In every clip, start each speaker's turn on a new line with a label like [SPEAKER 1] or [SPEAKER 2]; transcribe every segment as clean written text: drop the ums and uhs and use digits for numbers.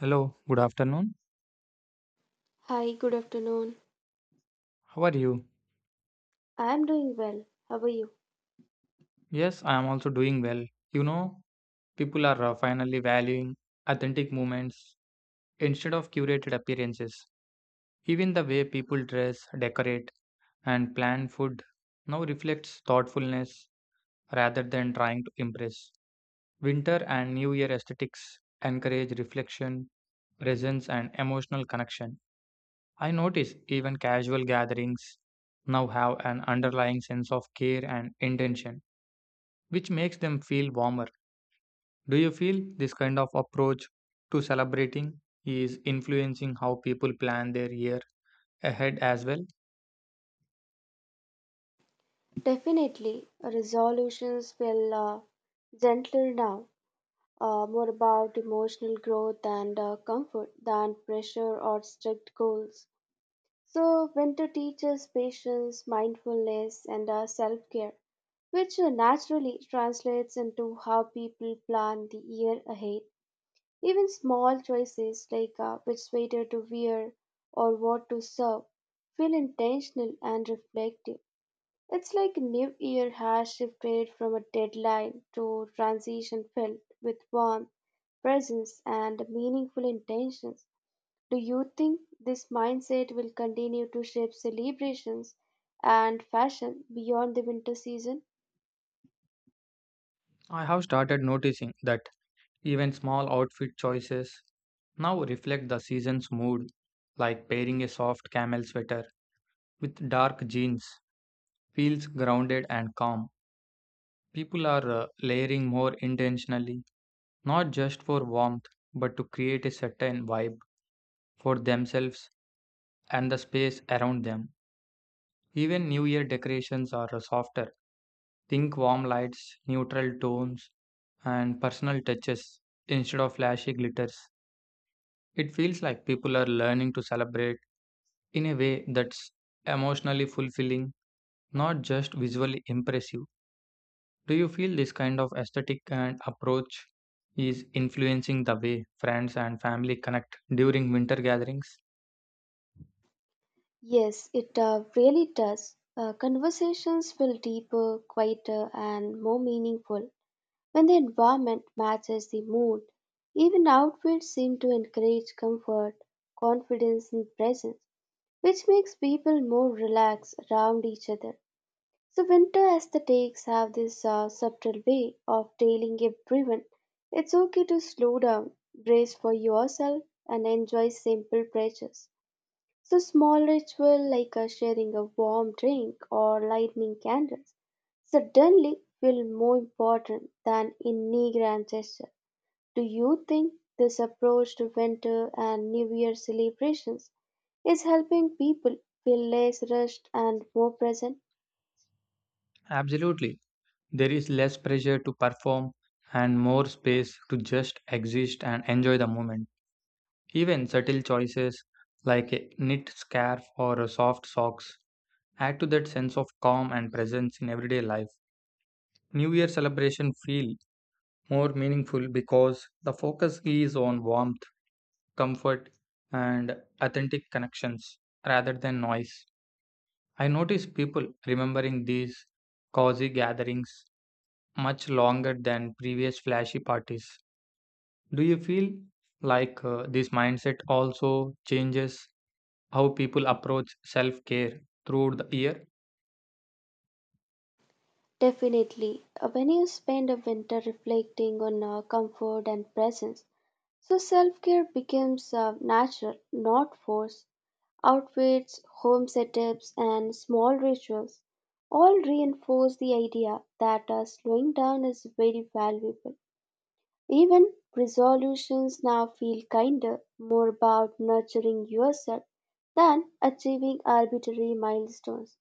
[SPEAKER 1] Hello, good afternoon.
[SPEAKER 2] Hi, good afternoon.
[SPEAKER 1] How are you?
[SPEAKER 2] I am doing well. How are you?
[SPEAKER 1] Yes, I am also doing well. You know, people are finally valuing authentic moments instead of curated appearances. Even the way people dress, decorate, and plan food now reflects thoughtfulness rather than trying to impress. Winter and New Year aesthetics encourage reflection, presence, and emotional connection. I notice even casual gatherings now have an underlying sense of care and intention, which makes them feel warmer. Do you feel this kind of approach to celebrating is influencing how people plan their year ahead as well?
[SPEAKER 2] Definitely, resolutions feel gentler now, more about emotional growth and comfort than pressure or strict goals. So, winter teaches patience, mindfulness, and self care, which naturally translates into how people plan the year ahead. Even small choices like which sweater to wear or what to serve feel intentional and reflective. It's like New Year has shifted from a deadline to transition filled with warmth, presence, and meaningful intentions. Do you think this mindset will continue to shape celebrations and fashion beyond the winter season?
[SPEAKER 1] I have started noticing that even small outfit choices now reflect the season's mood, like pairing a soft camel sweater with dark jeans feels grounded and calm. People are layering more intentionally, not just for warmth, but to create a certain vibe for themselves and the space around them. Even New Year decorations are softer. Think warm lights, neutral tones, and personal touches instead of flashy glitters. It feels like people are learning to celebrate in a way that's emotionally fulfilling, not just visually impressive. Do you feel this kind of aesthetic and approach is influencing the way friends and family connect during winter gatherings?
[SPEAKER 2] Yes, it really does. Conversations feel deeper, quieter, and more meaningful when the environment matches the mood. Even outfits seem to encourage comfort, confidence, and presence, which makes people more relaxed around each other. So, winter aesthetics have this subtle way of telling everyone it's okay to slow down, brace for yourself, and enjoy simple pleasures. So small ritual like sharing a warm drink or lighting candles suddenly feel more important than any grand gesture. Do you think this approach to winter and New Year celebrations is helping people feel less rushed and more present?
[SPEAKER 1] Absolutely. There is less pressure to perform and more space to just exist and enjoy the moment. Even subtle choices like a knit scarf or a soft socks add to that sense of calm and presence in everyday life. New Year celebration feel more meaningful because the focus is on warmth comfort, and authentic connections rather than noise. I notice people remembering these cozy gatherings much longer than previous flashy parties. Do you feel like this mindset also changes how people approach self care throughout the year?
[SPEAKER 2] Definitely. When you spend a winter reflecting on comfort and presence, so self care becomes natural, not forced. Outfits, home setups, and small rituals all reinforce the idea that slowing down is very valuable. Even resolutions now feel kinder, more about nurturing yourself than achieving arbitrary milestones.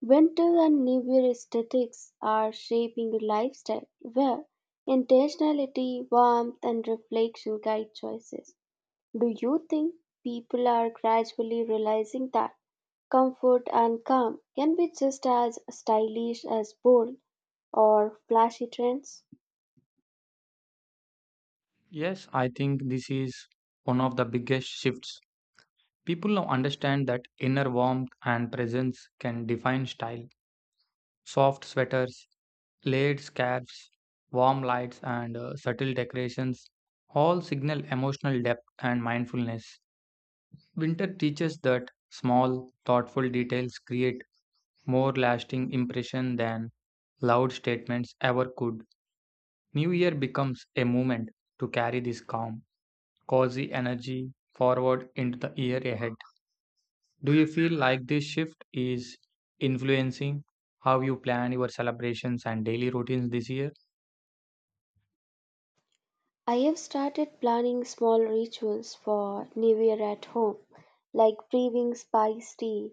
[SPEAKER 2] Winter and New Year aesthetics are shaping a lifestyle where intentionality, warmth, and reflection guide choices. Do you think people are gradually realizing that comfort and calm can be just as stylish as bold or flashy trends?
[SPEAKER 1] Yes, I think this is one of the biggest shifts. People now understand that inner warmth and presence can define style. Soft sweaters, laid scarves, warm lights, and subtle decorations all signal emotional depth and mindfulness. Winter teaches that small, thoughtful details create more lasting impression than loud statements ever could. New Year becomes a moment to carry this calm, cozy energy forward into the year ahead. Do you feel like this shift is influencing how you plan your celebrations and daily routines this year?
[SPEAKER 2] I have started planning small rituals for New Year at home, like brewing spice tea,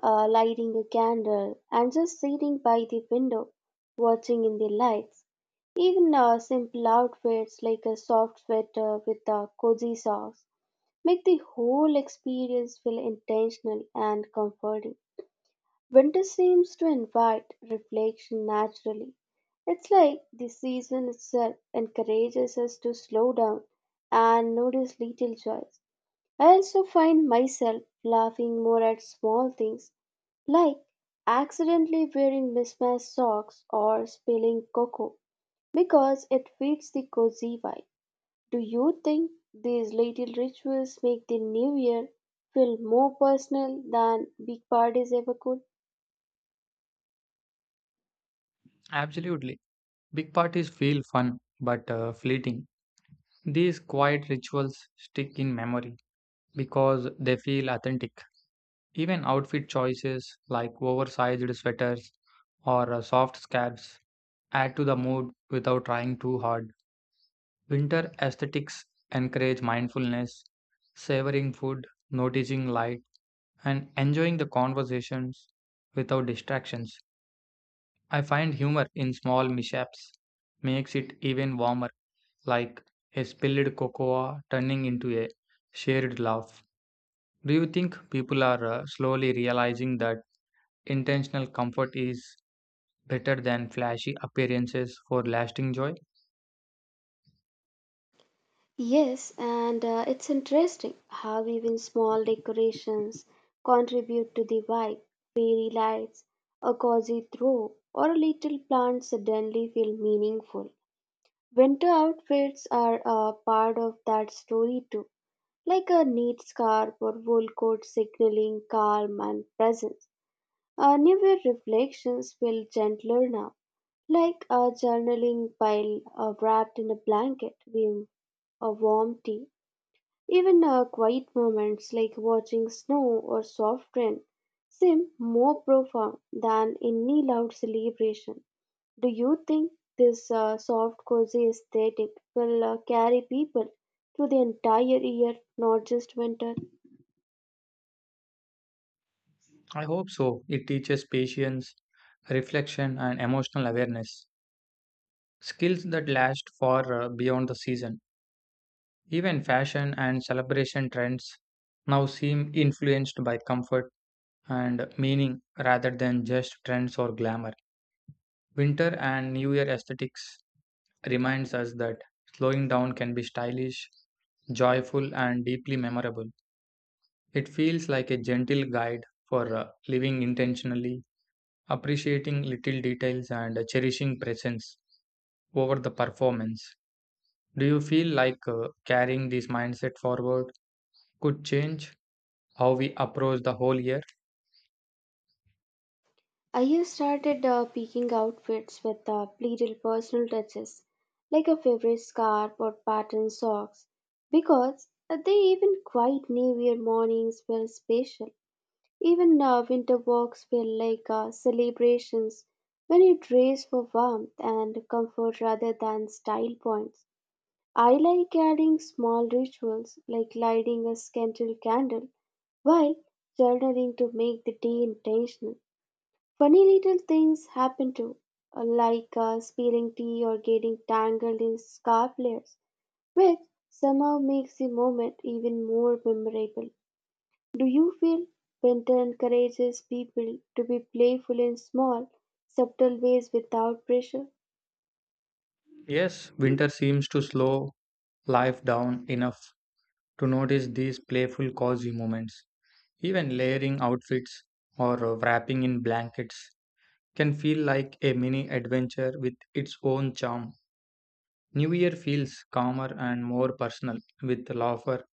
[SPEAKER 2] lighting a candle, and just sitting by the window, watching in the lights. Even simple outfits like a soft sweater with a cozy socks make the whole experience feel intentional and comforting. Winter seems to invite reflection naturally. It's like the season itself encourages us to slow down and notice little joys. I also find myself laughing more at small things like accidentally wearing mismatched socks or spilling cocoa because it fits the cozy vibe. Do you think these little rituals make the new year feel more personal than big parties ever could?
[SPEAKER 1] Absolutely. Big parties feel fun but fleeting. These quiet rituals stick in memory because they feel authentic. Even outfit choices like oversized sweaters or soft scarves add to the mood without trying too hard. Winter aesthetics encourage mindfulness, savoring food, noticing light, and enjoying the conversations without distractions. I find humor in small mishaps makes it even warmer, like a spilled cocoa turning into a shared laugh. Do you think people are slowly realizing that intentional comfort is better than flashy appearances for lasting joy?
[SPEAKER 2] Yes, and it's interesting how even small decorations contribute to the vibe. Fairy lights, a cozy throw, or a little plant suddenly feel meaningful. Winter outfits are a part of that story too, like a neat scarf or wool coat signaling calm and presence. Our newer reflections feel gentler now, like a journaling pile wrapped in a blanket, with a warm tea. Even our quiet moments, like watching snow or soft rain, seem more profound than any loud celebration. Do you think this soft, cozy aesthetic will carry people through the entire year, not just winter?
[SPEAKER 1] I hope so. It teaches patience, reflection, and emotional awareness, skills that last far beyond the season. Even fashion and celebration trends now seem influenced by comfort and meaning rather than just trends or glamour. Winter and New Year aesthetics reminds us that slowing down can be stylish, joyful and deeply memorable. It feels like a gentle guide for living intentionally, appreciating little details and cherishing presence over the performance. Do you feel like carrying this mindset forward could change how we approach the whole year?
[SPEAKER 2] I have started picking outfits with little personal touches, like a favorite scarf or patterned socks, because they even quiet New Year mornings feel special. Even winter walks feel like celebrations when you dress for warmth and comfort rather than style points. I like adding small rituals like lighting a scented candle while journaling to make the day intentional. Funny little things happen too, like spilling tea or getting tangled in scarf layers, which somehow makes the moment even more memorable. Do you feel winter encourages people to be playful in small, subtle ways without pressure?
[SPEAKER 1] Yes, winter seems to slow life down enough to notice these playful, cozy moments. Even layering outfits or wrapping in blankets can feel like a mini adventure with its own charm. New Year feels calmer and more personal, with laughter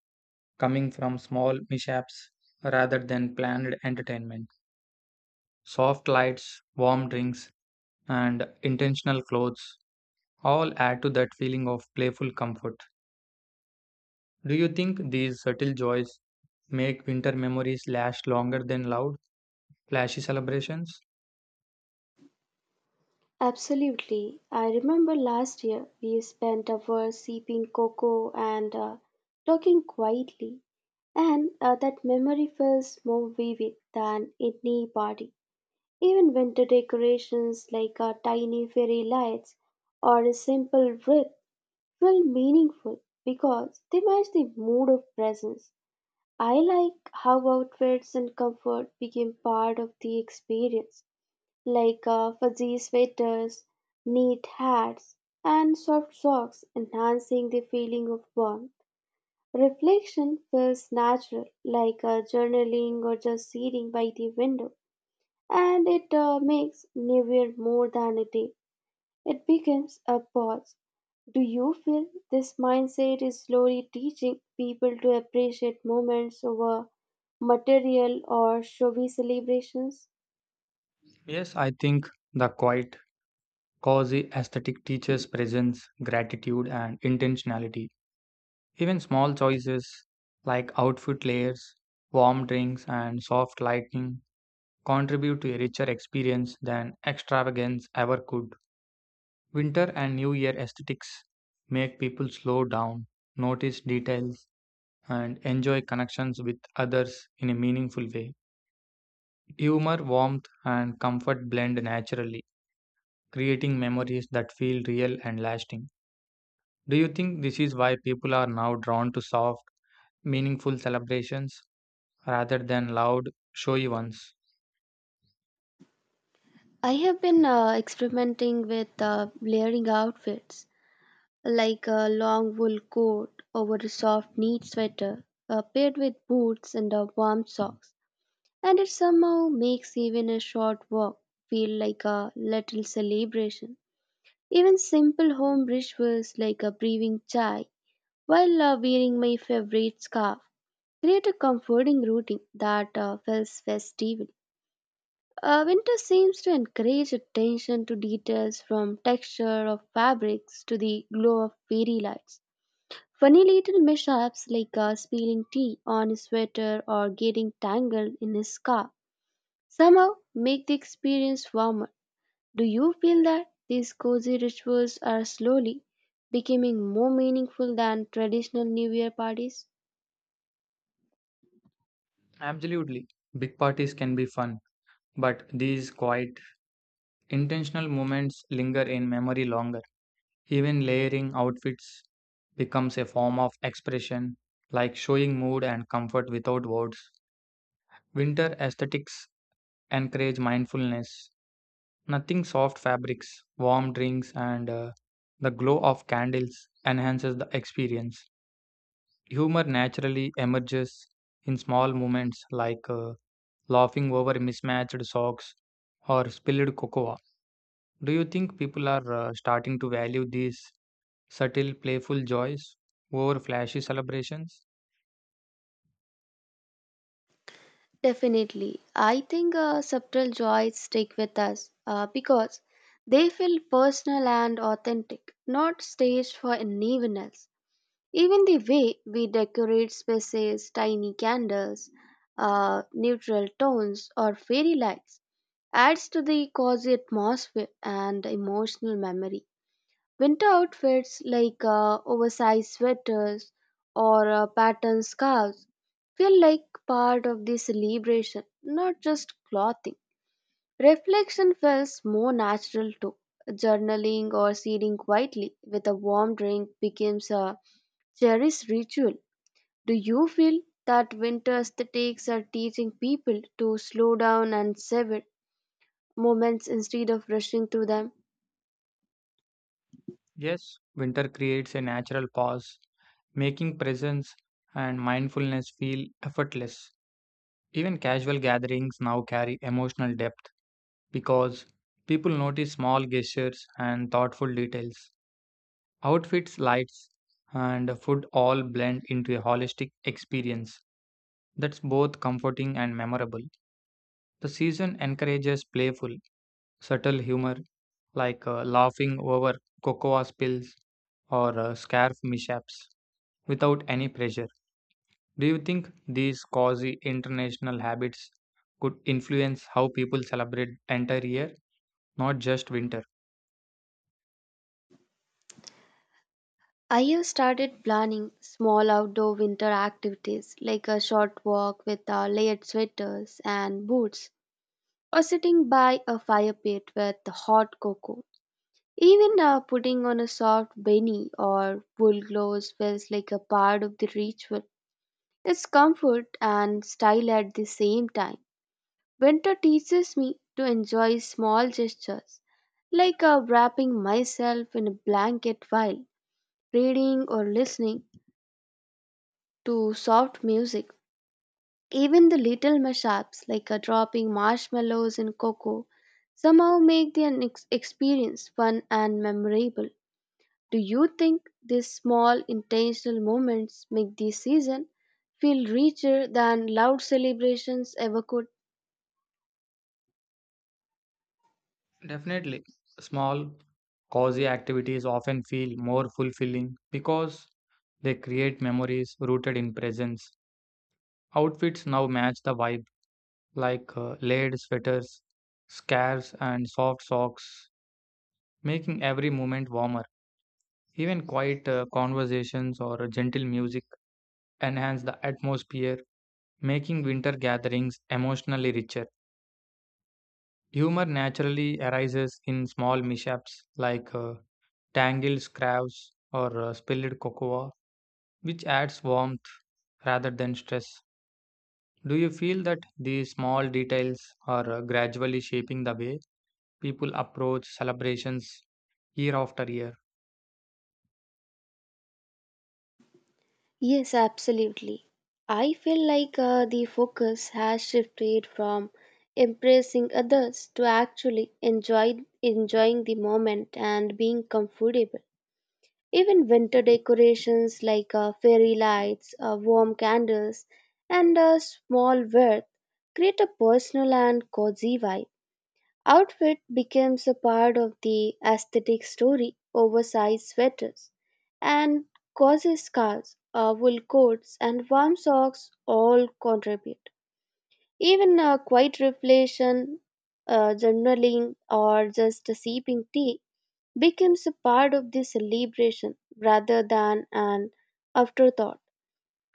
[SPEAKER 1] coming from small mishaps rather than planned entertainment. Soft lights, warm drinks, and intentional clothes all add to that feeling of playful comfort. Do you think these subtle joys make winter memories last longer than loud, flashy celebrations?
[SPEAKER 2] Absolutely. I remember last year we spent hours sipping cocoa and talking quietly, and that memory feels more vivid than any party. Even winter decorations like our tiny fairy lights or a simple wreath feel meaningful because they match the mood of presence. I like how outfits and comfort became part of the experience, like fuzzy sweaters, neat hats, and soft socks enhancing the feeling of warmth. Reflection feels natural, like journaling or just sitting by the window, and it makes nowhere more than a day. It becomes a pause. Do you feel this mindset is slowly teaching people to appreciate moments over material or showy celebrations?
[SPEAKER 1] Yes, I think the quiet, cozy aesthetic teaches presence, gratitude, and intentionality. Even small choices like outfit layers, warm drinks, and soft lighting contribute to a richer experience than extravagance ever could. Winter and New Year aesthetics make people slow down, notice details, and enjoy connections with others in a meaningful way. Humor, warmth, and comfort blend naturally, creating memories that feel real and lasting. Do you think this is why people are now drawn to soft, meaningful celebrations rather than loud, showy ones?
[SPEAKER 2] I have been experimenting with layering outfits like a long wool coat over a soft knit sweater paired with boots and a warm socks, and it somehow makes even a short walk feel like a little celebration. Even simple home rituals like a brewing chai while wearing my favorite scarf create a comforting routine that feels festival. Winter seems to encourage attention to details from texture of fabrics to the glow of fairy lights. Funny little mishaps like spilling tea on a sweater or getting tangled in a scarf somehow make the experience warmer. Do you feel that these cozy rituals are slowly becoming more meaningful than traditional New Year parties?
[SPEAKER 1] Absolutely. Big parties can be fun, but these quiet, intentional moments linger in memory longer. Even layering outfits becomes a form of expression, like showing mood and comfort without words. Winter aesthetics encourage mindfulness. Nothing soft fabrics, warm drinks, and the glow of candles enhances the experience. Humor naturally emerges in small moments like laughing over mismatched socks or spilled cocoa. Do you think people are starting to value these subtle, playful joys over flashy celebrations?
[SPEAKER 2] Definitely. I think subtle joys stick with us because they feel personal and authentic, not staged for anyone else. Even the way we decorate spaces, tiny candles, neutral tones, or fairy lights adds to the cozy atmosphere and emotional memory. Winter outfits like oversized sweaters or patterned scarves feel like part of the celebration, not just clothing. Reflection feels more natural too. Journaling or sitting quietly with a warm drink becomes a cherished ritual. Do you feel that winter aesthetics are teaching people to slow down and savor moments instead of rushing through them?
[SPEAKER 1] Yes, winter creates a natural pause, making presence and mindfulness feel effortless. Even casual gatherings now carry emotional depth because people notice small gestures and thoughtful details. Outfits, lights, and food all blend into a holistic experience that's both comforting and memorable. The season encourages playful, subtle humor like laughing over cocoa spills or scarf mishaps without any pressure. Do you think these quasi international habits could influence how people celebrate entire year, not just winter?
[SPEAKER 2] I have started planning small outdoor winter activities like a short walk with layered sweaters and boots, or sitting by a fire pit with hot cocoa. Even putting on a soft beanie or wool gloves feels like a part of the ritual. It's comfort and style at the same time. Winter teaches me to enjoy small gestures, like wrapping myself in a blanket while reading or listening to soft music. Even the little mishaps, like dropping marshmallows in cocoa, somehow make the experience fun and memorable. Do you think these small intentional moments make this season feel richer than loud celebrations ever could?
[SPEAKER 1] Definitely. Small quasi activities often feel more fulfilling because they create memories rooted in presence. Outfits now match the vibe like layered sweaters, scarves, and soft socks, making every moment warmer. Even quiet conversations or gentle music enhance the atmosphere, making winter gatherings emotionally richer. Humor naturally arises in small mishaps like tangled scraps or spilled cocoa, which adds warmth rather than stress. Do you feel that these small details are gradually shaping the way people approach celebrations year after year?
[SPEAKER 2] Yes, absolutely. I feel like the focus has shifted from impressing others to actually enjoy enjoying the moment and being comfortable. Even winter decorations like fairy lights, warm candles, and a small worth create a personal and cozy vibe. Outfit becomes a part of the aesthetic story. Oversized sweaters and cozy scarves, wool coats, and warm socks all contribute. Even a quiet reflection, journaling, or just a sipping tea becomes a part of the celebration rather than an afterthought.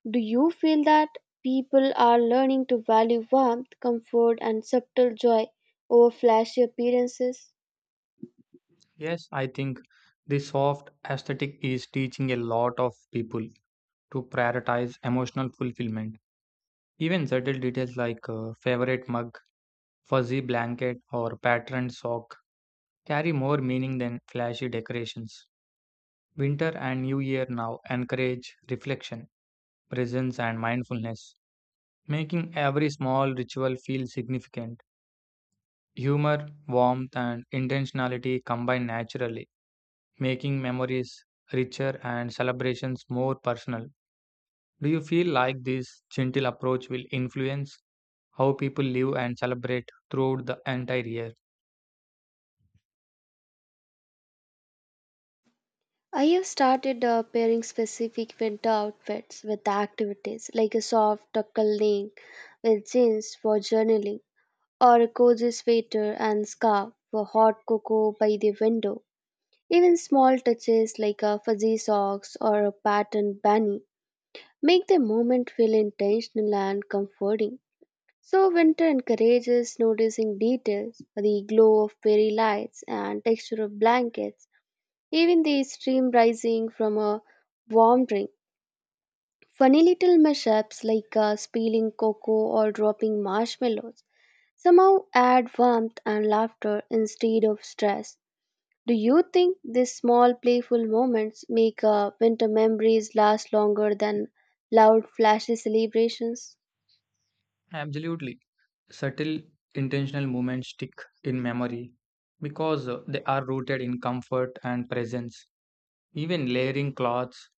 [SPEAKER 2] Do you feel that people are learning to value warmth, comfort, and subtle joy over flashy appearances?
[SPEAKER 1] Yes, I think this soft aesthetic is teaching a lot of people to prioritize emotional fulfillment. Even subtle details like favorite mug, fuzzy blanket, or patterned sock carry more meaning than flashy decorations. Winter and New Year now encourage reflection, presence, and mindfulness, making every small ritual feel significant. Humor, warmth, and intentionality combine naturally, making memories richer and celebrations more personal. Do you feel like this gentle approach will influence how people live and celebrate throughout the entire year?
[SPEAKER 2] I have started pairing specific winter outfits with activities like a soft tuckle link with jeans for journaling or a cozy sweater and scarf for hot cocoa by the window. Even small touches like a fuzzy socks or a patterned bunny make the moment feel intentional and comforting. So winter encourages noticing details, the glow of fairy lights and texture of blankets even the steam rising from a warm drink. Funny little mishaps like spilling cocoa or dropping marshmallows somehow add warmth and laughter instead of stress. Do you think these small playful moments make winter memories last longer than loud flashy celebrations?
[SPEAKER 1] Absolutely. Subtle, intentional moments stick in memory because they are rooted in comfort and presence. Even layering cloths,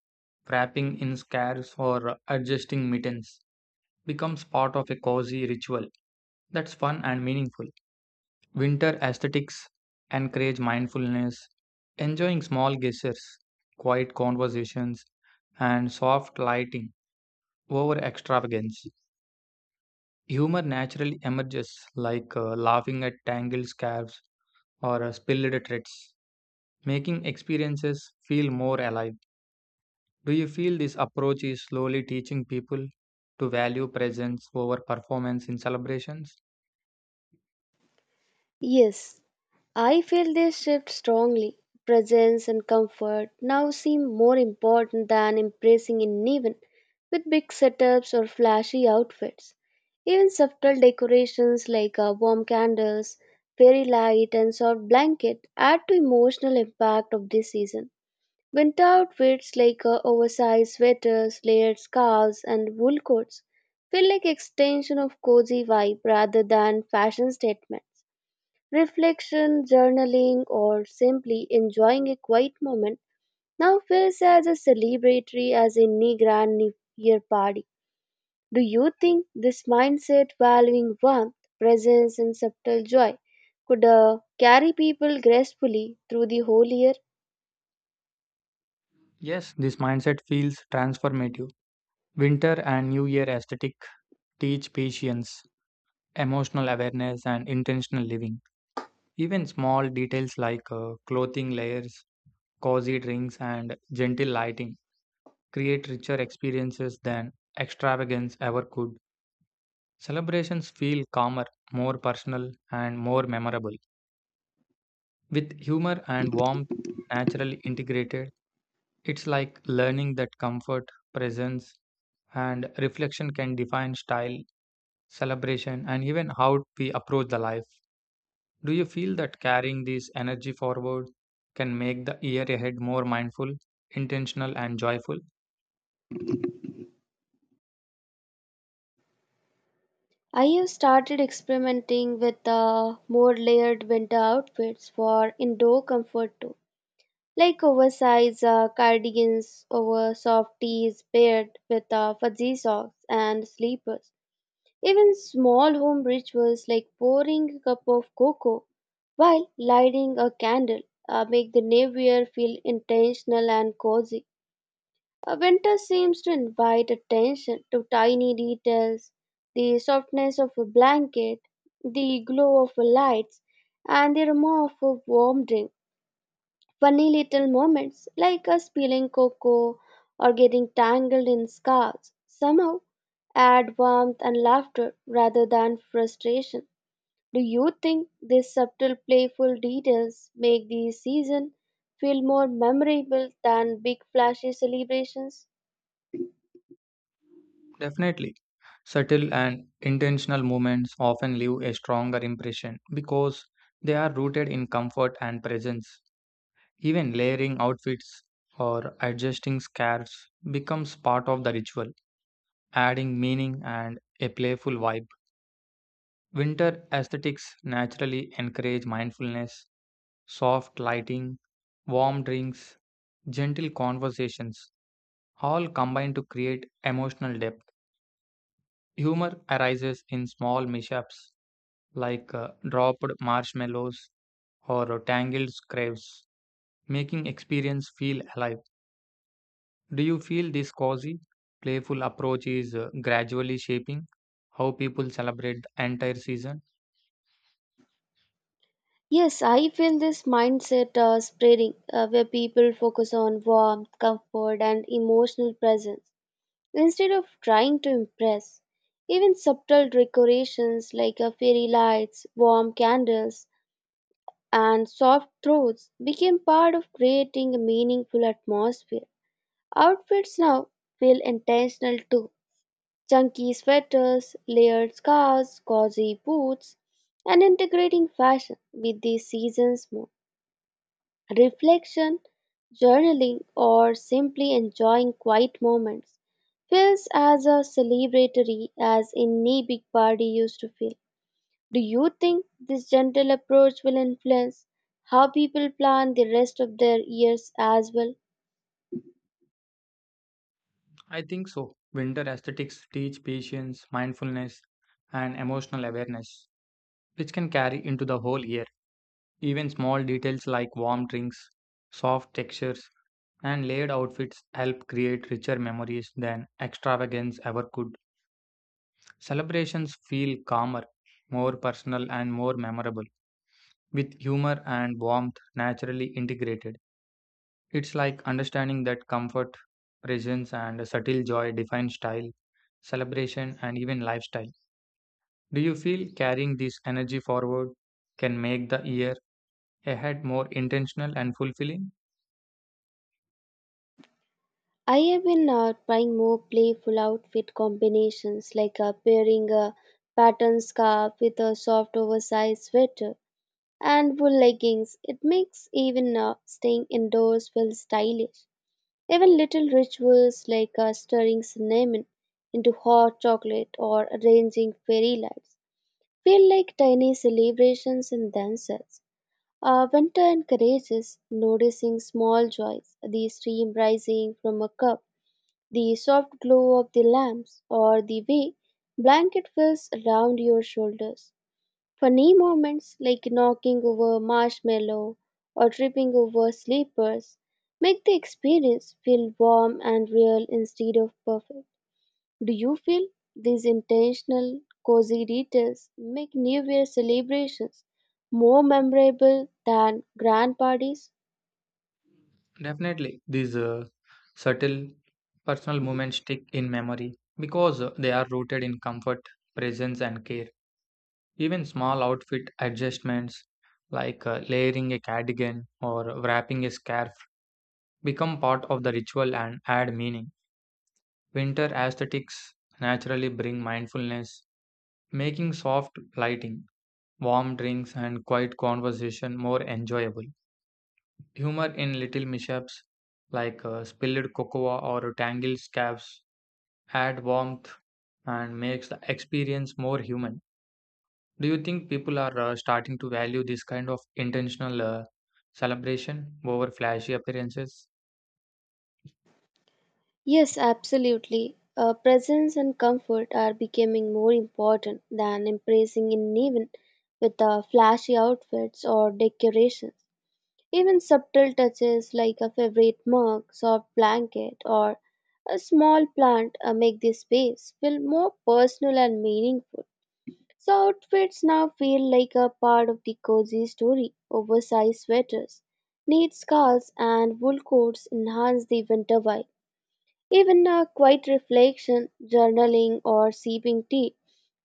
[SPEAKER 1] wrapping in scarves, or adjusting mittens becomes part of a cozy ritual that's fun and meaningful. Winter aesthetics encourage mindfulness, enjoying small gestures, quiet conversations, and soft lighting over extravagance. Humor naturally emerges, like laughing at tangled scarves or spilled threads, making experiences feel more alive. Do you feel this approach is slowly teaching people to value presence over performance in celebrations?
[SPEAKER 2] Yes, I feel this shift strongly. Presence and comfort now seem more important than impressing anyone with big setups or flashy outfits. Even subtle decorations like warm candles, fairy light, and soft blanket add to emotional impact of this season. Winter outfits like oversized sweaters, layered scarves, and wool coats feel like extension of cozy vibe rather than fashion statements. Reflection, journaling, or simply enjoying a quiet moment now feels as a celebratory as any grand New Year party. Do you think this mindset valuing warmth, presence, and subtle joy could carry people gracefully through the whole year?
[SPEAKER 1] Yes, this mindset feels transformative. Winter and New Year aesthetic teach patience, emotional awareness, and intentional living. Even small details like clothing layers, cozy drinks, and gentle lighting create richer experiences than extravagance ever could. Celebrations feel calmer, more personal, and more memorable, with humor and warmth naturally integrated. It's like learning that comfort, presence, and reflection can define style, celebration, and even how we approach the life. Do you feel that carrying this energy forward can make the year ahead more mindful, intentional, and joyful?
[SPEAKER 2] I have started experimenting with more layered winter outfits for indoor comfort too, like oversized cardigans over soft tees paired with fuzzy socks and sleepers. Even small home rituals like pouring a cup of cocoa while lighting a candle make the new year feel intentional and cozy. Winter seems to invite attention to tiny details, the softness of a blanket, the glow of lights, and the aroma of a warm drink. Funny little moments like us peeling cocoa or getting tangled in scarves somehow add warmth and laughter rather than frustration. Do you think these subtle playful details make the season feel more memorable than big flashy celebrations?
[SPEAKER 1] Definitely. Subtle and intentional movements often leave a stronger impression because they are rooted in comfort and presence. Even layering outfits or adjusting scarves becomes part of the ritual adding meaning and a playful vibe. Winter aesthetics naturally encourage mindfulness, soft lighting, warm drinks, gentle conversations, all combine to create emotional depth. Humor arises in small mishaps like dropped marshmallows or tangled scraps, making experience feel alive. Do you feel this cozy, playful approach is gradually shaping how people celebrate the entire season?
[SPEAKER 2] Yes, I feel this mindset spreading where people focus on warmth, comfort, and emotional presence instead of trying to impress. Even subtle decorations like fairy lights, warm candles, and soft throats became part of creating a meaningful atmosphere. Outfits now feel intentional too. Chunky sweaters, layered scarves, cozy boots, and integrating fashion with the season's mood. Reflection, journaling, or simply enjoying quiet moments feels as a celebratory as any big party used to feel. Do you think this gentle approach will influence how people plan the rest of their years as well?
[SPEAKER 1] I think so. Winter aesthetics teach patience, mindfulness, and emotional awareness, which can carry into the whole year. Even small details like warm drinks, soft textures, and layered outfits help create richer memories than extravagance ever could. Celebrations feel calmer, more personal, and more memorable, with humor and warmth naturally integrated. It's like understanding that comfort, presence, and a subtle joy define style, celebration, and even lifestyle. Do you feel carrying this energy forward can make the year ahead more intentional and fulfilling?
[SPEAKER 2] I have been trying more playful outfit combinations like pairing a pattern scarf with a soft oversized sweater and wool leggings. It makes even staying indoors feel stylish. Even little rituals like stirring cinnamon into hot chocolate or arranging fairy lights feel like tiny celebrations in themselves. Winter encourages noticing small joys, the steam rising from a cup, the soft glow of the lamps, or the way blanket feels around your shoulders. Funny moments like knocking over marshmallow or tripping over slippers make the experience feel warm and real instead of perfect. Do you feel these intentional, cozy details make New Year celebrations more memorable than grand parties?
[SPEAKER 1] Definitely, these subtle personal moments stick in memory because they are rooted in comfort, presence, and care. Even small outfit adjustments like layering a cardigan or wrapping a scarf become part of the ritual and add meaning. Winter aesthetics naturally bring mindfulness, making soft lighting, warm drinks, and quiet conversation more enjoyable. Humor in little mishaps like spilled cocoa or tangled scarves add warmth and makes the experience more human. Do you think people are starting to value this kind of intentional celebration over flashy appearances?
[SPEAKER 2] Yes, absolutely. Presence and comfort are becoming more important than impressing an event with flashy outfits or decorations. Even subtle touches like a favorite mug, soft blanket, or a small plant make this space feel more personal and meaningful. So outfits now feel like a part of the cozy story. Oversized sweaters, neat scarves, and wool coats enhance the winter vibe. Even a quiet reflection, journaling, or sipping tea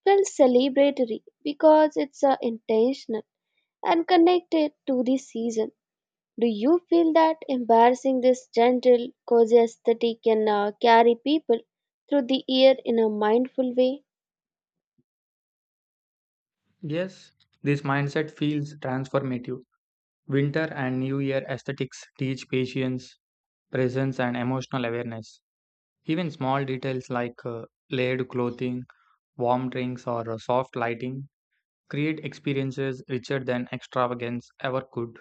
[SPEAKER 2] feels celebratory because it's intentional and connected to the season. Do you feel that embarrassing this gentle, cozy aesthetic can carry people through the year in a mindful way?
[SPEAKER 1] Yes, this mindset feels transformative. Winter and New Year aesthetics teach patience, presence, and emotional awareness. Even small details like layered clothing, warm drinks, or soft lighting create experiences richer than extravagance ever could.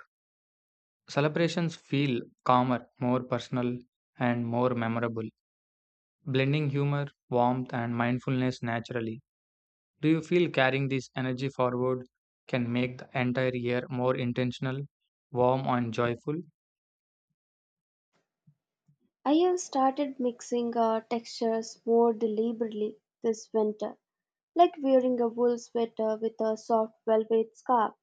[SPEAKER 1] Celebrations feel calmer, more personal, and more memorable, blending humor, warmth, and mindfulness naturally. Do you feel carrying this energy forward can make the entire year more intentional, warm, and joyful?
[SPEAKER 2] I have started mixing textures more deliberately this winter, like wearing a wool sweater with a soft velvet scarf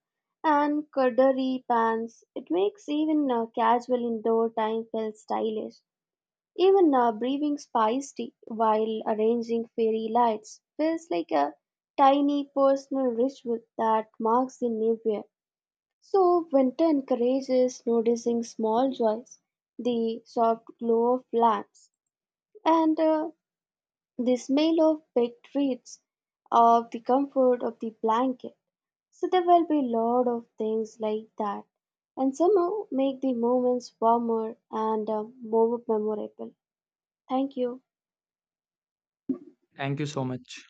[SPEAKER 2] and corduroy pants. It makes even casual indoor time feel stylish. Even brewing spiced tea while arranging fairy lights feels like a tiny personal ritual that marks the new year. So, winter encourages noticing small joys, the soft glow of lamps, and the smell of baked treats, of the comfort of the blanket. So, there will be a lot of things like that, and somehow make the moments warmer and more memorable. Thank you.
[SPEAKER 1] Thank you so much.